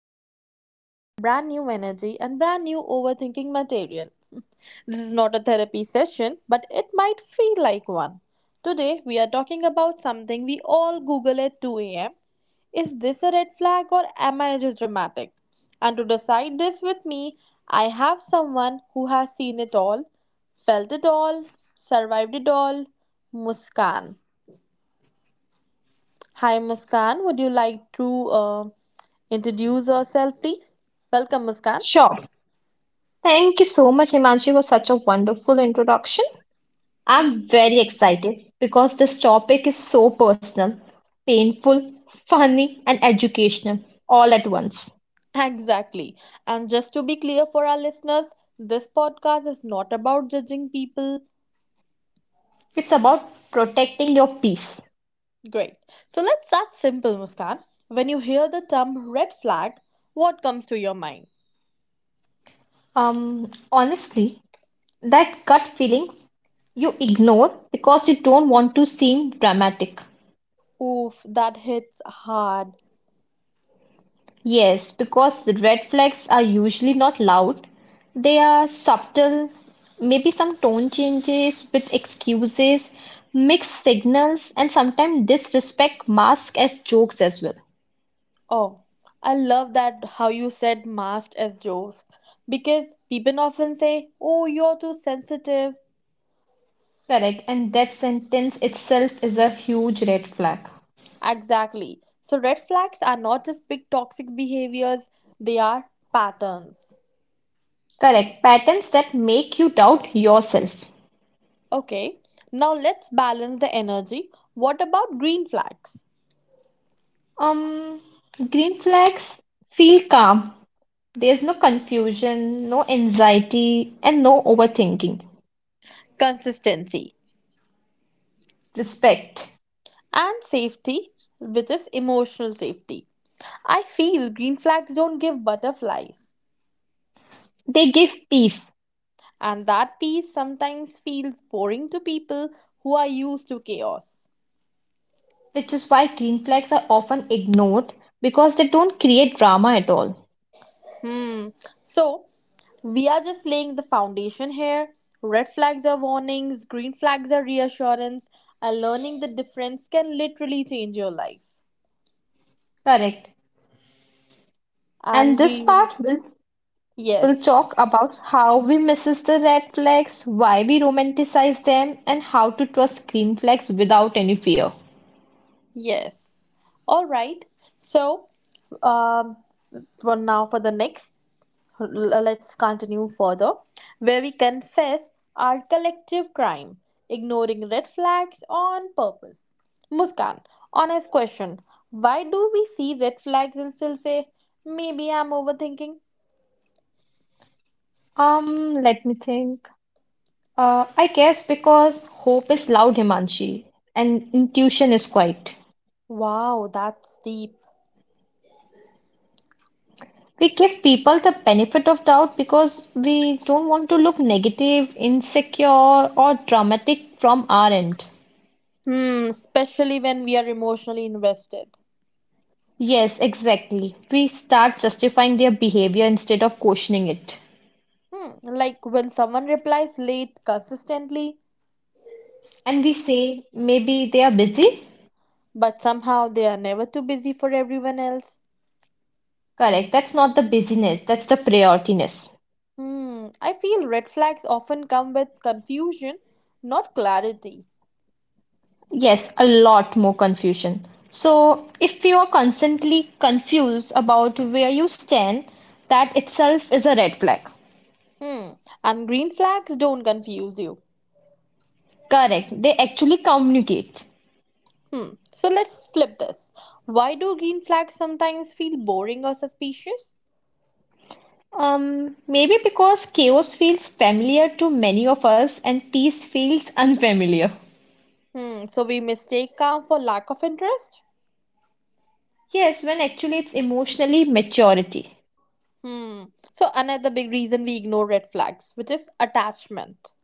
new episode, brand new energy and brand new overthinking material. This is not a therapy session, but it might feel like one. Today we are talking about something we all google at 2 a.m. Is this a red flag or am I just dramatic? And to decide this with me, I have someone who has seen it all, felt it all, survived it all, Muskan. Hi, Muskan. Would you like to introduce yourself, please? Welcome, Muskan. Sure. Thank you so much, Himanshi, for such a wonderful introduction. I'm very excited because this topic is so personal, painful, funny, and educational all at once. Exactly. And just to be clear for our listeners, this podcast is not about judging people. It's about protecting your peace. Great. So let's start simple, Muskan. When you hear the term red flag, what comes to your mind? Honestly, that gut feeling you ignore because you don't want to seem dramatic. Oof, that hits hard. Yes, because the red flags are usually not loud. They are subtle, maybe some tone changes with excuses, mixed signals, and sometimes disrespect masked as jokes as well. Oh, I love that how you said masked as jokes. Because people often say, oh, you're too sensitive. Correct, and that sentence itself is a huge red flag. Exactly. So, red flags are not just big toxic behaviors, they are patterns. Correct, patterns that make you doubt yourself. Okay, now let's balance the energy. What about green flags? Um, Green flags feel calm. There's no confusion, no anxiety, and no overthinking. Consistency Respect. and safety, which is emotional safety. I feel green flags don't give butterflies, They give peace, and that piece sometimes feels boring to people who are used to chaos. which is why green flags are often ignored because they don't create drama at all. Hmm. So we are just laying the foundation here. Red flags are warnings, green flags are reassurance, and learning the difference can literally change your life. Correct. And And this we, part will yes, talk about how we misses the red flags, why we romanticize them, and how to trust green flags without any fear. yes. All right. So, um, for now, for the next let's continue further, where we confess our collective crime, ignoring red flags on purpose. Muskan, honest question. Why do we see red flags and still say, maybe I'm overthinking? Let me think. I guess because hope is loud, Himanshi, and intuition is quiet. Wow, that's deep. We give people the benefit of doubt because we don't want to look negative, insecure, or dramatic from our end. Hmm, especially when we are emotionally invested. Yes, exactly. We start justifying their behavior instead of questioning it. Hmm, like when someone replies late consistently, And we say maybe they are busy. but somehow they are never too busy for everyone else. Correct. That's not the busyness, that's the priorityness. Hmm, I feel red flags often come with confusion, not clarity. Yes, a lot more confusion. So, if you are constantly confused about where you stand, that itself is a red flag. Hmm, and green flags don't confuse you. Correct. They actually communicate. Hmm, so let's flip this. Why do green flags sometimes feel boring or suspicious? Maybe because chaos feels familiar to many of us and peace feels unfamiliar. Hmm, so we mistake calm for lack of interest? Yes, when actually it's emotionally maturity. Hmm, so another big reason we ignore red flags, which is attachment.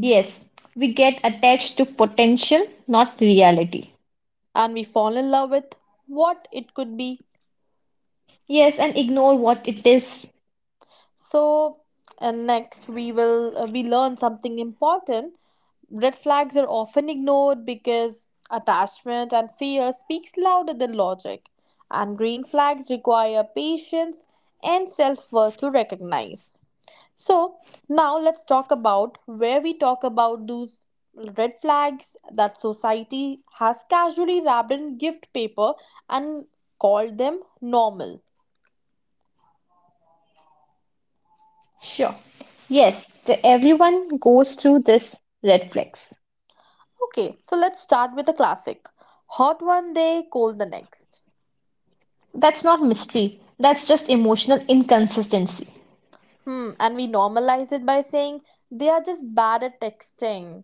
Yes, we get attached to potential, not reality. And we fall in love with what it could be. Yes, and ignore what it is. So, and next we will we learn something important. Red flags are often ignored because attachment and fear speaks louder than logic, and green flags require patience and self-worth to recognize. So, now let's talk about where we talk about those red flags that society has casually wrapped in gift paper and called them normal. Sure. Yes, everyone goes through this red flags. Okay, so let's start with a classic. Hot one day, cold the next. That's not mystery. That's just emotional inconsistency. Hmm, and we normalize it by saying they are just bad at texting.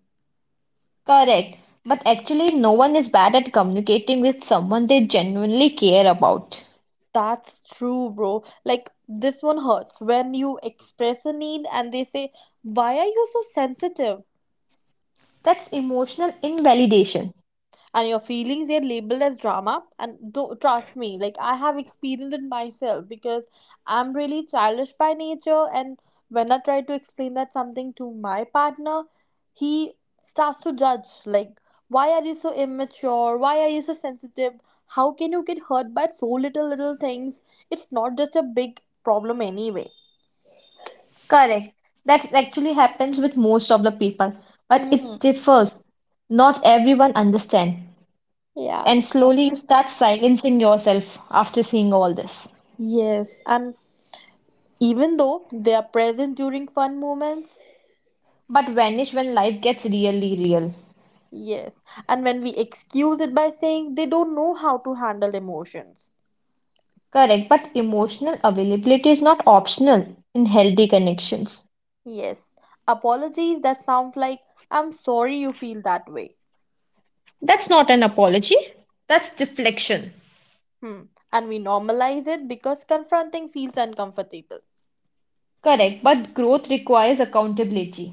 Correct. But actually, no one is bad at communicating with someone they genuinely care about. That's true, bro. Like, this one hurts when you express a need and they say, why are you so sensitive? That's emotional invalidation. And your feelings, they're labeled as drama. And don't trust me, like I have experienced it myself, because I'm really childish by nature and when I try to explain that something to my partner, he starts to judge, like, why are you so immature, why are you so sensitive, how can you get hurt by so little things? It's not just a big problem anyway. Correct. That actually happens with most of the people, but it Hmm. differs. Not everyone understands. Yeah. And slowly you start silencing yourself after seeing all this. Yes, and even though they are present during fun moments, But vanish when life gets really real. yes, and when we excuse it by saying they don't know how to handle emotions. Correct, but emotional availability is not optional in healthy connections. Yes, apologies that sounds like, I'm sorry you feel that way. That's not an apology, that's deflection. Hmm, and we normalize it because confronting feels uncomfortable. Correct, but growth requires accountability.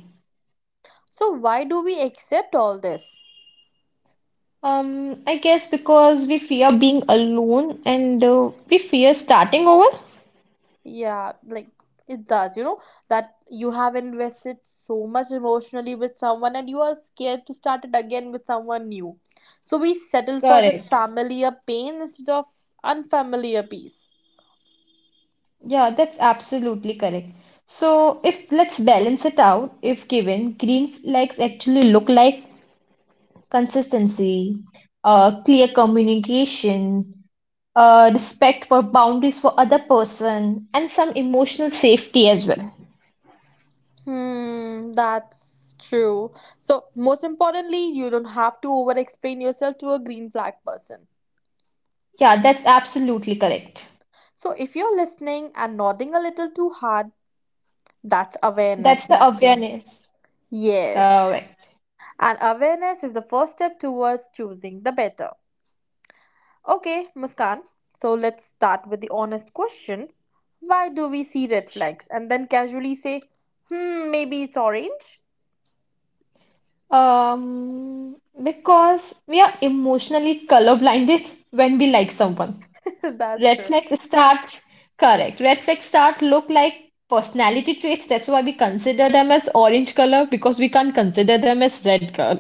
So why do we accept all this? I guess because we fear being alone and we fear starting over. Yeah, like it does, you know, that you have invested so much emotionally with someone and you are scared to start it again with someone new. So we settle for just Correct. familiar pain instead of unfamiliar peace. Yeah, that's absolutely correct. So, if let's balance it out, if given, green flags actually look like consistency, clear communication, respect for boundaries for other person, and some emotional safety as well. Hmm, that's true. So, most importantly, you don't have to over explain yourself to a green flag person. Yeah, that's absolutely correct. So, if you're listening and nodding a little too hard, that's That's awareness the knocking. awareness. Yes, Correct. and awareness is the first step towards choosing the better. Okay, Muskan, so let's start with the honest question, why do we see red flags? And then casually say, hmm, maybe it's orange? Um, because we are emotionally colorblinded when we like someone. That's Red true. flags start, correct. Red flags start look like personality traits. That's why we consider them as orange color because we can't consider them as red color.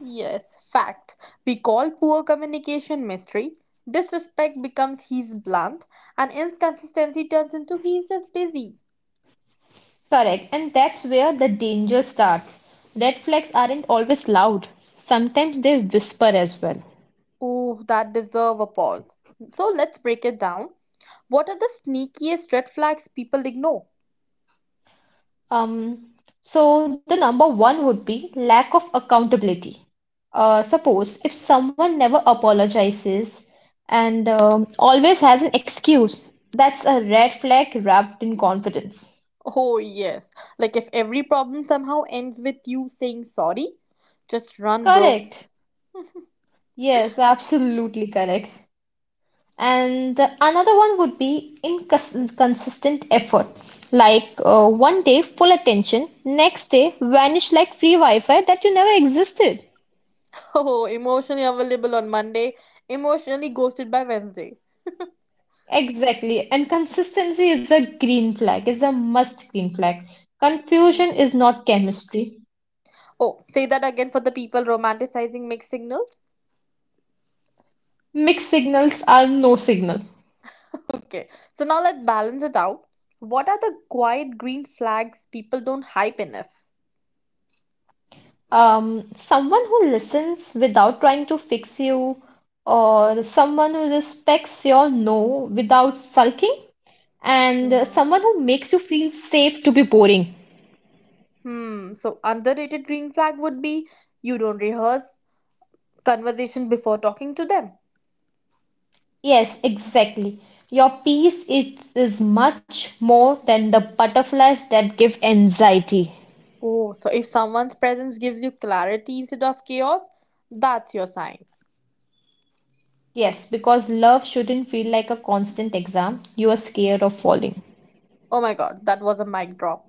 Yes, fact. We call poor communication mystery. Disrespect becomes he's blunt, and inconsistency turns into he's just busy. Correct. And that's where the danger starts. Red flags aren't always loud. Sometimes they whisper as well. Oh, that deserve a pause. So let's break it down. What are the sneakiest red flags people ignore? Um, so the number one would be lack of accountability. Suppose if someone never apologizes and always has an excuse, that's a red flag wrapped in confidence. Oh, yes. Like if every problem somehow ends with you saying sorry, just run, bro. Correct. Yes, absolutely correct. And another one would be inconsistent effort. Like one day full attention, next day vanish like free Wi-Fi that you never existed. Oh, emotionally available on Monday, emotionally ghosted by Wednesday. Exactly. And consistency is a green flag, is a must green flag. Confusion is not chemistry. Oh, say that again for the people romanticizing mixed signals. Mixed signals are no signal. Okay, so now let's balance it out. What are the quiet green flags people don't hype enough? Someone who listens without trying to fix you, or someone who respects your no without sulking, and someone who makes you feel safe to be boring. Hmm, so underrated green flag would be you don't rehearse conversation before talking to them. Yes, exactly. Your peace is much more than the butterflies that give anxiety. Oh, so if someone's presence gives you clarity instead of chaos, that's your sign. Yes, because love shouldn't feel like a constant exam. You are scared of falling. Oh my god, that was a mic drop.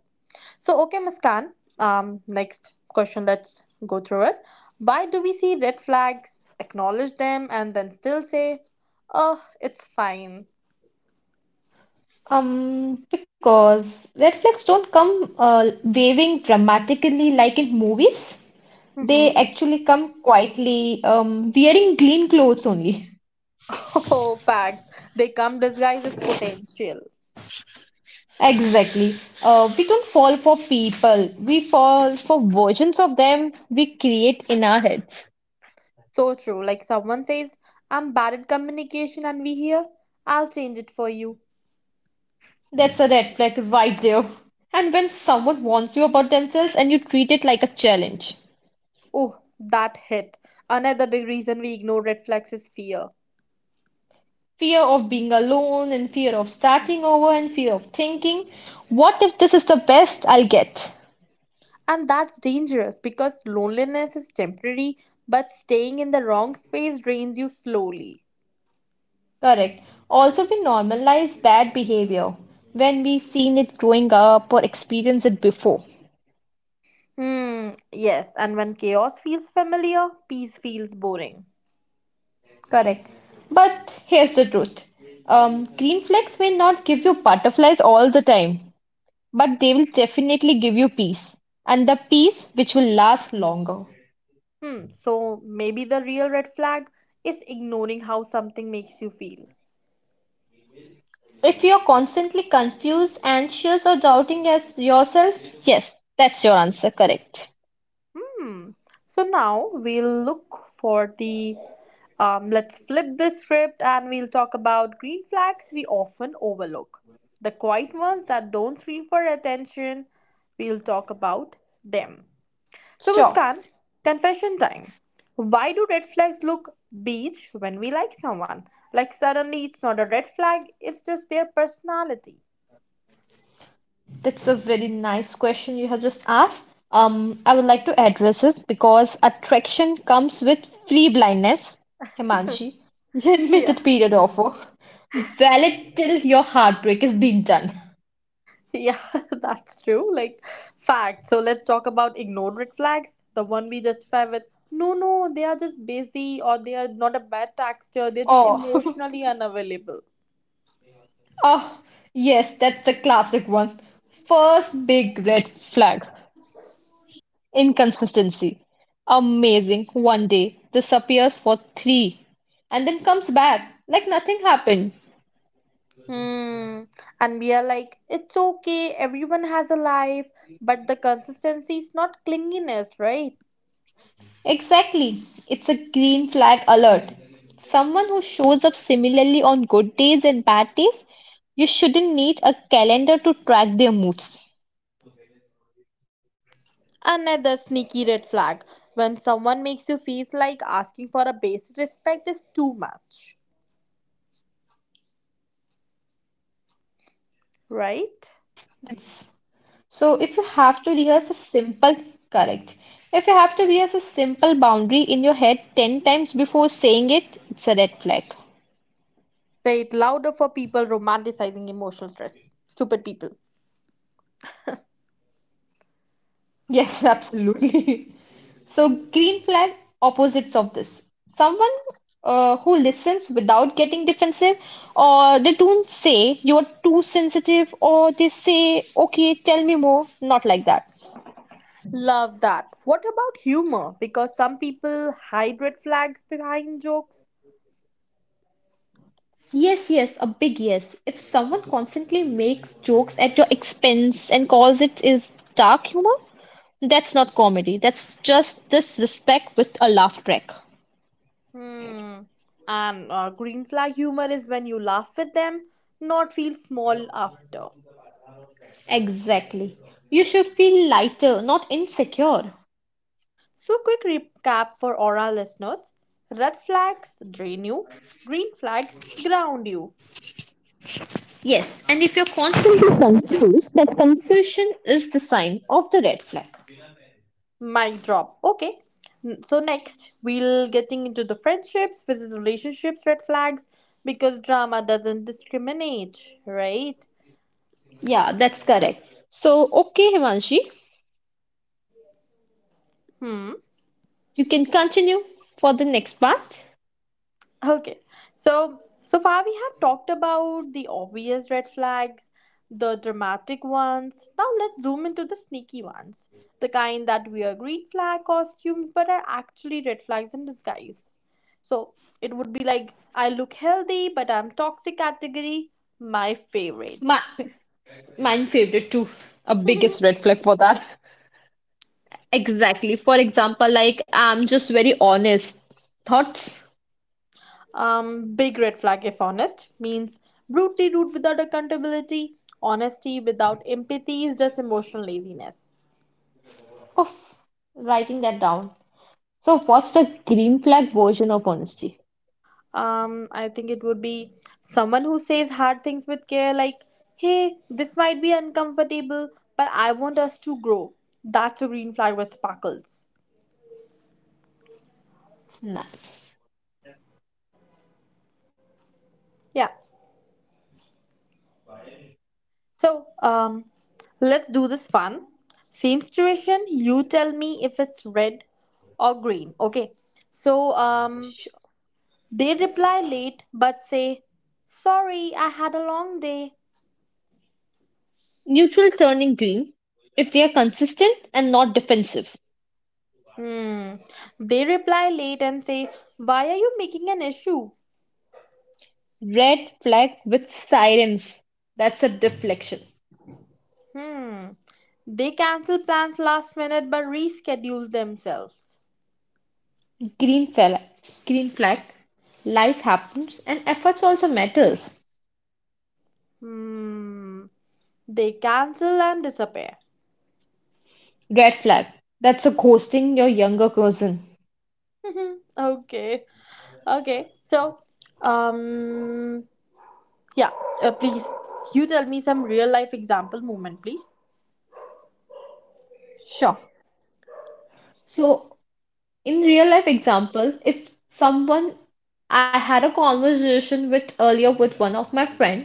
So okay, Muskan, next question, let's go through it. Why do we see red flags, acknowledge them and then still say, "Oh, it's fine." Because red flags don't come waving dramatically like in movies. Mm-hmm. They actually come quietly, wearing clean clothes only. Oh, facts. They come disguised as potential. Exactly. We don't fall for people. We fall for versions of them we create in our heads. So true. Like someone says, I'm bad at communication, and we hear, I'll change it for you. That's a red flag right there. And when someone warns you about themselves and you treat it like a challenge. Oh, that hit. Another big reason we ignore red flags is fear. Fear of being alone and fear of starting over and fear of thinking, what if this is the best I'll get? And that's dangerous because loneliness is temporary, but staying in the wrong space drains you slowly. Correct. Also, we normalize bad behavior when we've seen it growing up or experienced it before. Hmm, yes, and when chaos feels familiar, peace feels boring. Correct, but here's the truth. Green flags may not give you butterflies all the time, but they will definitely give you peace, and the peace which will last longer. Hmm, so maybe the real red flag is ignoring how something makes you feel. If you're constantly confused, anxious, or doubting as yourself, yes, that's your answer, correct. Hmm. So now we'll look for the. Let's flip the script and we'll talk about green flags we often overlook. The quiet ones that don't scream for attention, we'll talk about them. So, Sure. Muskan, confession time. Why do red flags look beige when we like someone? Like, suddenly it's not a red flag, it's just their personality. That's a very nice question you have just asked. I would like to address it because attraction comes with free blindness, Himanshi, Yeah. limited period offer, valid till your heartbreak is being done. Yeah, that's true. Like, fact. So let's talk about ignored red flags. The one we justify with, no, no, they are just busy, or they are not a bad texture. They're just Oh, emotionally unavailable. oh, yes, that's the classic one. First big red flag. Inconsistency. Amazing. One day disappears for three and then comes back like nothing happened. Hmm. And we are like, it's okay. Everyone has a life, but the consistency is not clinginess, right? Exactly. It's a green flag alert. Someone who shows up similarly on good days and bad days, you shouldn't need a calendar to track their moods. Another sneaky red flag. When someone makes you feel like asking for a basic respect is too much, Oof, that one hits. So right? if you have to rehearse a simple, correct. If you have to rehearse a simple boundary in your head 10 times before saying it, it's a red flag. Say it louder for people romanticizing emotional stress. Stupid people. Yes, absolutely. So, green flag opposites of this. Someone who listens without getting defensive, or they don't say you are too sensitive, or they say, okay, tell me more. Not like that. Love that. What about humor? Because some people hide red flags behind jokes. Yes, yes, a big yes. If someone constantly makes jokes at your expense and calls it is dark humor, that's not comedy. That's just disrespect with a laugh track. Hmm. And green flag humor is when you laugh with them, not feel small after. Exactly. You should feel lighter, not insecure. So, quick recap for oral listeners, red flags drain you, green flags ground you. Yes, and if you're constantly confused, that confusion is the sign of the red flag. Mic drop. Okay. So next we'll getting into the friendships versus relationships red flags because drama doesn't discriminate, right? Yeah, that's correct. So, okay, Himanshi, Hmm. you can continue for the next part. Okay. So, so far we have talked about the obvious red flags, the dramatic ones. Now let's zoom into the sneaky ones. The kind that wear green flag costumes but are actually red flags in disguise. So, it would be like I look healthy but I'm toxic category, my My, favorite. mine favorite too. A biggest red flag for that. Exactly. For example, like I'm just very honest. Thoughts? Big red flag if honest means brutally rude without accountability. Honesty without empathy is just emotional laziness. Oh, writing that down. So, what's the green flag version of honesty? Um, I think it would be someone who says hard things with care, like, hey, this might be uncomfortable but I want us to grow. That's a green flag with sparkles. Nice. Yeah. So let's do this fun. Same situation, you tell me if it's red or green, okay? So Sh- they reply late but say sorry I had a long day. Neutral turning green if they are consistent and not defensive. Hmm. They reply late and say, why are you making an issue? Red flag with sirens. That's a deflection. Hmm. They cancel plans last minute but reschedule themselves. Green flag. Green flag. Life happens and efforts also matters. Hmm. They cancel and disappear. Red flag. That's a ghosting your younger cousin. Mhm. Okay. Okay. So, um, yeah. Uh, please, you tell me some real life example moment, please. Sure. So in real life example, if someone I had a conversation with earlier with one of my friend,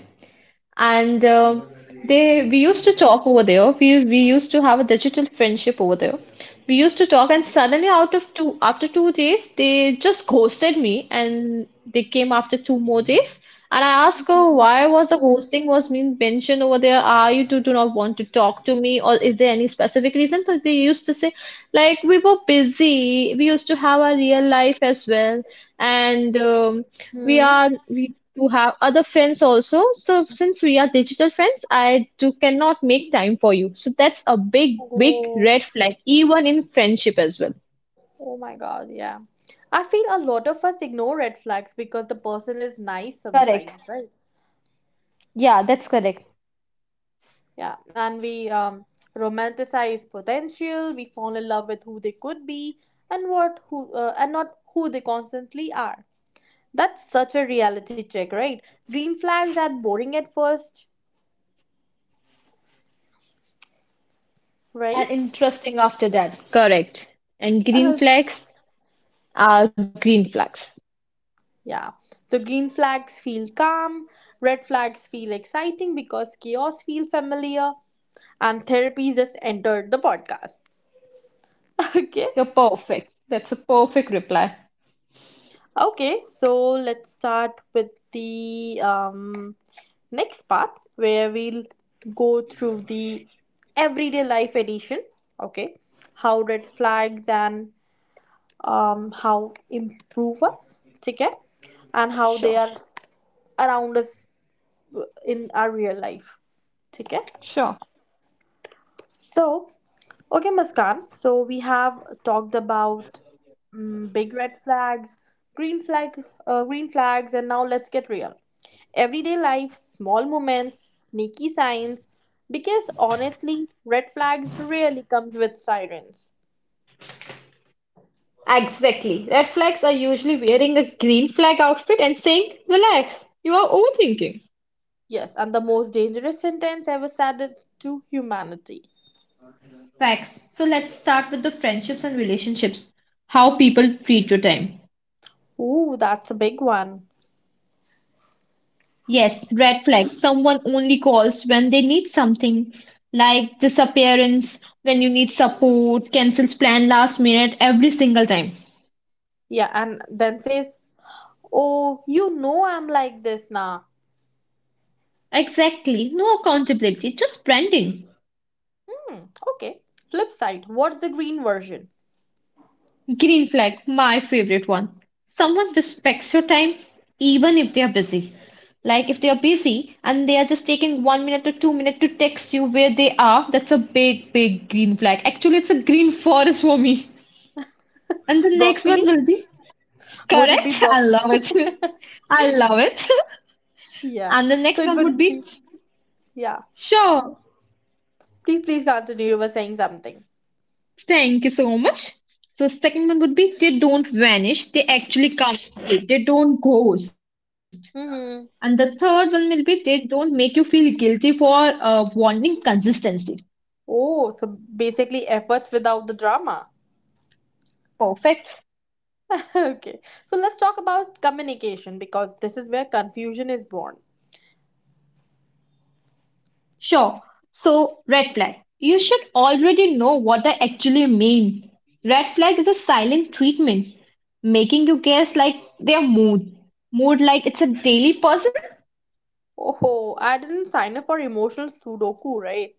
and they we used to talk over there, we used to have a digital friendship over there, we used to talk, and suddenly out of two after 2 days they just ghosted me and they came after two more days, and I asked her, why was the ghosting was being mentioned over there? Are you do not want to talk to me, or is there any specific reason? So they used to say, like, we were busy, we used to have our real life as well, and we Hmm. are we to have other friends also. So since we are digital friends, I do cannot make time for you. So that's a big, big Oh. red flag, even in friendship as well. Oh my God. Yeah. I feel a lot of us ignore red flags because the person is nice Correct. sometimes, right? Yeah, that's correct. Yeah, and we romanticize potential. We fall in love with who they could be and what who and not who they constantly are. That's such a reality check, right? Green flags are boring at first, And right? interesting after that. Correct. And green Uh, flags are green flags. yeah. So green flags feel calm, red flags feel exciting because chaos feel familiar, and therapy just entered the podcast. Okay. You're perfect. That's a perfect reply. Okay, so let's start with the next part where we'll go through the everyday life edition, okay? How red flags and how improve us, okay? And how they Sure. are around us in our real life, okay? Sure. So okay, Muskan, so we have talked about, mm, big red flags, green flags, and now let's get real. Everyday life, small moments, sneaky signs. Because honestly, red flags rarely comes with sirens. Exactly. Red flags are usually wearing a green flag outfit and saying, relax, you are overthinking. Yes, and the most dangerous sentence ever said it to humanity. Facts. So let's start with the friendships and relationships. How people treat your time. Ooh, that's a big one. Yes, red flag. Someone only calls when they need something, like disappearance, when you need support, cancels plan last minute, every single time. Yeah, and then says, "Oh, you know I'm like this now." Exactly. No accountability, just branding. Hmm, okay. Flip side, what's the green version? Green flag, my favorite one. Someone respects your time even if they are busy. Like if they are busy and they are just taking 1 minute or 2 minutes to text you where they are, that's a big, big green flag. Actually, it's a green forest for me. And the next one Broccoli? will be Would it be correct. I broccoli? love it. I love it. Yeah. And the So next it one would would be. be Yeah. sure. Please, please continue. You were saying something. Thank you so much. So second one would be they don't vanish. They actually come. They don't ghost. And the Mm-hmm. third one will be they don't make you feel guilty for wanting consistency. Oh, so basically efforts without the drama. Perfect. Okay. So let's talk about communication because this is where confusion is born. Sure. So, red flag. You should already know what I actually mean. Red flag is a silent treatment, making you guess like their mood. Mood like it's a daily person. Oh, I didn't sign up for emotional Sudoku, right?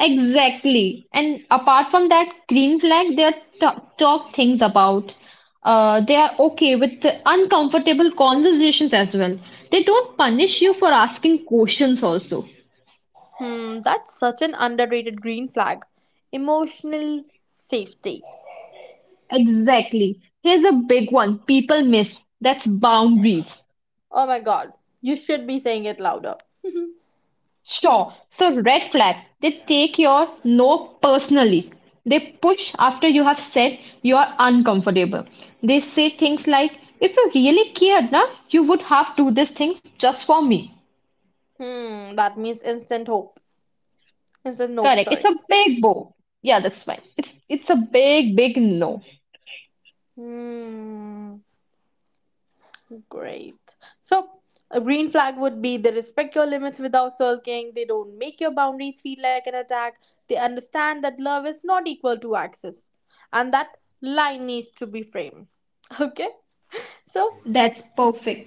Exactly. And apart from that green flag, they are talk things about. They are okay with the uncomfortable conversations as well. They don't punish you for asking questions also. Hmm, that's such an underrated green flag. Emotional safety. Exactly. Here's a big one people miss. That's boundaries. Oh my god, you should be saying it louder. Sure. So, red flag, they take your no personally. They push after you have said you are uncomfortable. They say things like, if you really cared, na, you would have do these things just for me. Hmm, that means instant hope. Instant nope, Correct. It's sorry. a big bow. Yeah, that's fine. It's a big, big no. Hmm. Great. So, a green flag would be they respect your limits without sulking, they don't make your boundaries feel like an attack, they understand that love is not equal to access, and that line needs to be framed. Okay? So, That's perfect.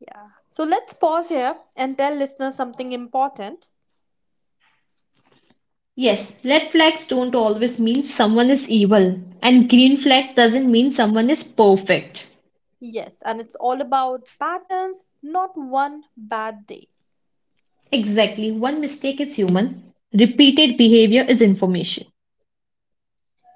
yeah. So, let's pause here and tell listeners something important. Yes, red flags don't always mean someone is evil, and green flag doesn't mean someone is perfect. Yes, and it's all about patterns, not one bad day. Exactly. One mistake is human. Repeated behavior is information.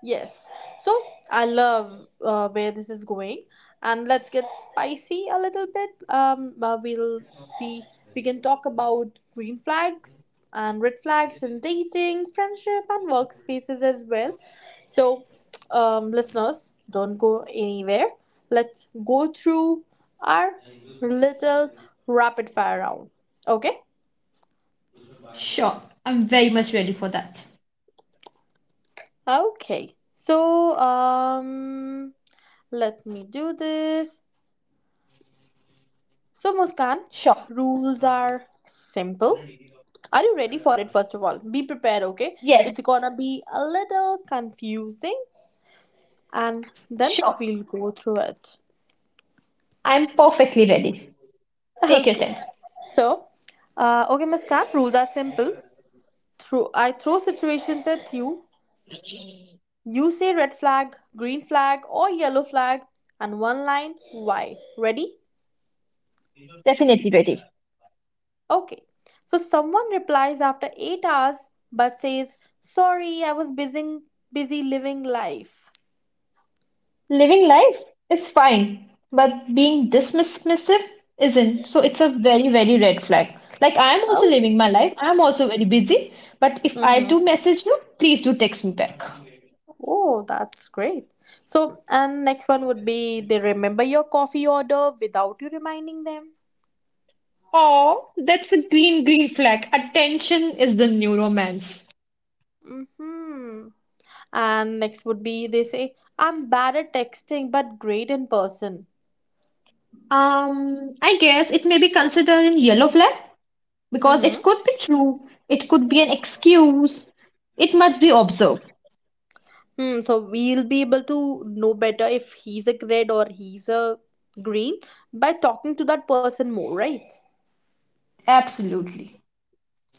Yes. So I love where this is going, and let's get spicy a little bit. We'll be we can talk about green flags and red flags in dating, friendship, and workspaces as well. So, listeners, don't go anywhere. Let's go through our little rapid fire round. Okay. Sure. I'm very much ready for that. Okay. So, let me do this. So, Muskan, Sure. rules are simple. Are you ready for it, first of all? Be prepared, okay? Yes. It's gonna be a little confusing and then Sure. we'll go through it. I'm perfectly ready. Take your Okay. time. So, okay, Muskan, rules are simple. Through, I throw situations at you. You say red flag, green flag, or yellow flag, and one line why. Ready? Definitely ready. Okay. So someone replies after 8 hours but says, "Sorry, I was busy living life." Living life is fine, but being this dismissive isn't. So it's a very, very red flag. Like I'm also Oh. living my life. I'm also very busy. But if I Mm-hmm. do message you, please do text me back. Oh, that's great. So, and next one would be they remember your coffee order without you reminding them. Oh, that's a green, green flag. Attention is the new romance. Mm-hmm. And next would be they say, I'm bad at texting but great in person. I guess it may be considered in yellow flag because it Mm-hmm. could be true, it could be an excuse, it must be observed. Hmm, so we'll be able to know better if he's a red or he's a green by talking to that person more, right? Absolutely.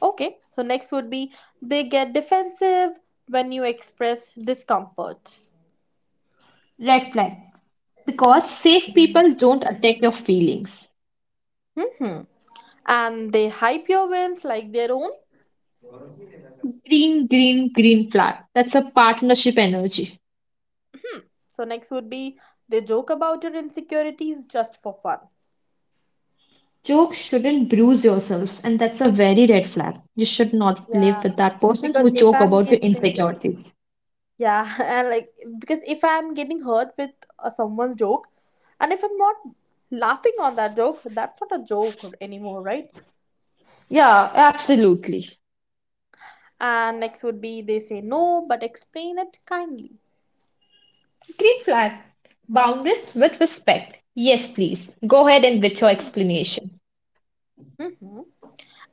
Okay, so next would be they get defensive when you express discomfort. Red flag because safe people don't attack your feelings. Hmm. And they hype your wins like their own. Green, green, green flag. That's a partnership energy. So next would be they joke about your insecurities just for fun. Jokes shouldn't bruise yourself, and that's a very red flag. You should not live Yeah. with that person Because who if joke I'm about your getting insecurities. Yeah, and like because if I'm getting hurt with someone's joke, and if I'm not laughing on that joke, that's not a joke anymore, right? Yeah, absolutely. And next would be they say no, but explain it kindly. Green flag. Boundaries with respect. Yes, please. Go ahead and with your explanation. Hmm.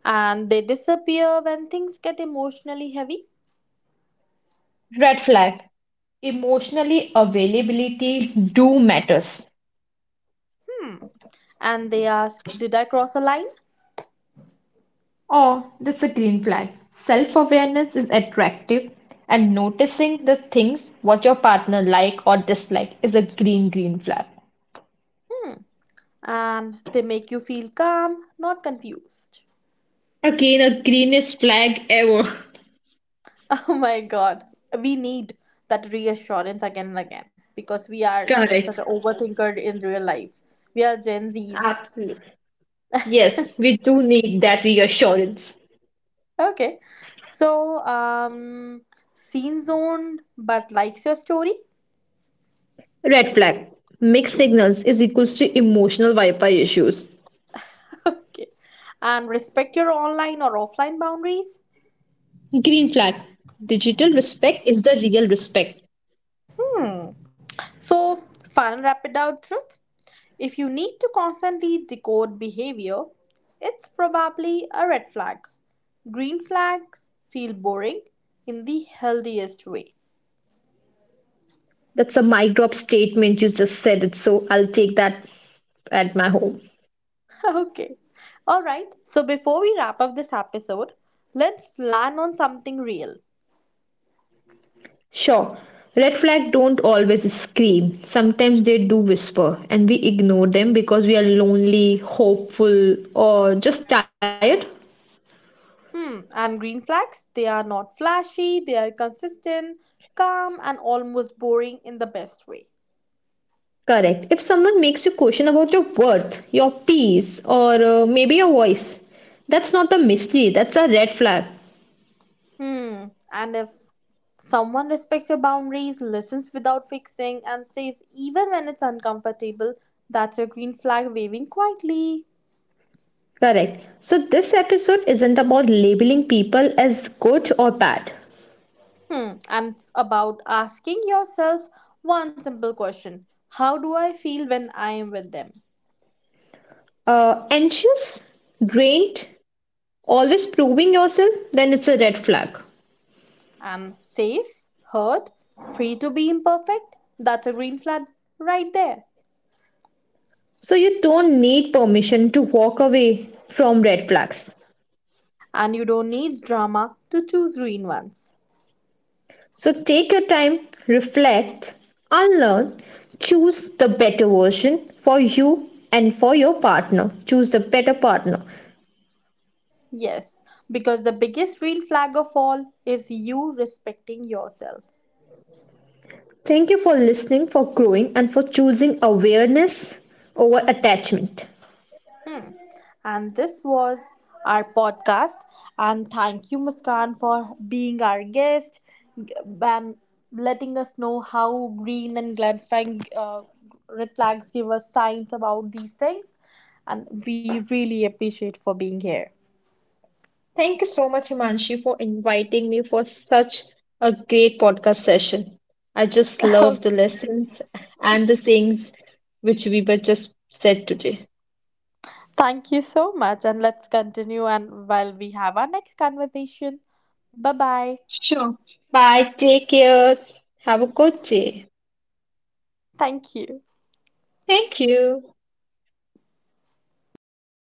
And they disappear when things get emotionally heavy. Red flag. Emotionally availability do matters. And they ask, Did I cross a line? Oh, that's a green flag. Self-awareness is attractive, and noticing the things what your partner like or dislike is a green green flag. And they make you feel calm, not confused. Again, a greenest flag ever. Oh my God. We need that reassurance again and again because we are such an Correct. overthinker in real life. We are Gen Zs. Absolutely. Yes, we do need that reassurance. Okay. So, scene zoned but likes your story. Red flag. Mixed signals is equals to emotional Wi-Fi issues. Okay. And respect your online or offline boundaries. Green flag. Digital respect is the real respect. So, fun rapid out truth. If you need to constantly decode behavior, it's probably a red flag. Green flags feel boring in the healthiest way. That's a mic drop statement. You just said it, so I'll take that at my home. Okay. All right. So before we wrap up this episode, let's land on something real. Sure. Red flag don't always scream. Sometimes they do whisper, and we ignore them because we are lonely, hopeful, or just tired. Hmm. And green flags, they are not flashy, they are consistent, calm, and almost boring in the best way. Correct. If someone makes you question about your worth, your peace, or maybe your voice, that's not a mystery, that's a red flag. Hmm. And if someone respects your boundaries, listens without fixing, and stays even when it's uncomfortable, that's your green flag waving quietly. Correct. So, this episode isn't about labeling people as good or bad. Hmm. And it's about asking yourself one simple question. How do I feel when I am with them? Anxious, drained, always proving yourself, then it's a red flag. I'm safe, hurt, free to be imperfect. That's a green flag right there. So, you don't need permission to walk away from red flags. And you don't need drama to choose green ones. So take your time, reflect, unlearn, choose the better version for you and for your partner. Choose the better partner. Yes, because the biggest green flag of all is you respecting yourself. Thank you for listening, for growing, and for choosing awareness over attachment. And this was our podcast. And thank you, Muskan, for being our guest and letting us know how green and red, flag, red flags give us signs about these things. And we really appreciate for being here. Thank you so much, Himanshi, for inviting me for such a great podcast session. I just love the lessons and the things which we were just said today. Thank you so much. And let's continue and while we have our next conversation. Bye bye. Sure. Bye. Take care. Have a good day. Thank you. Thank you.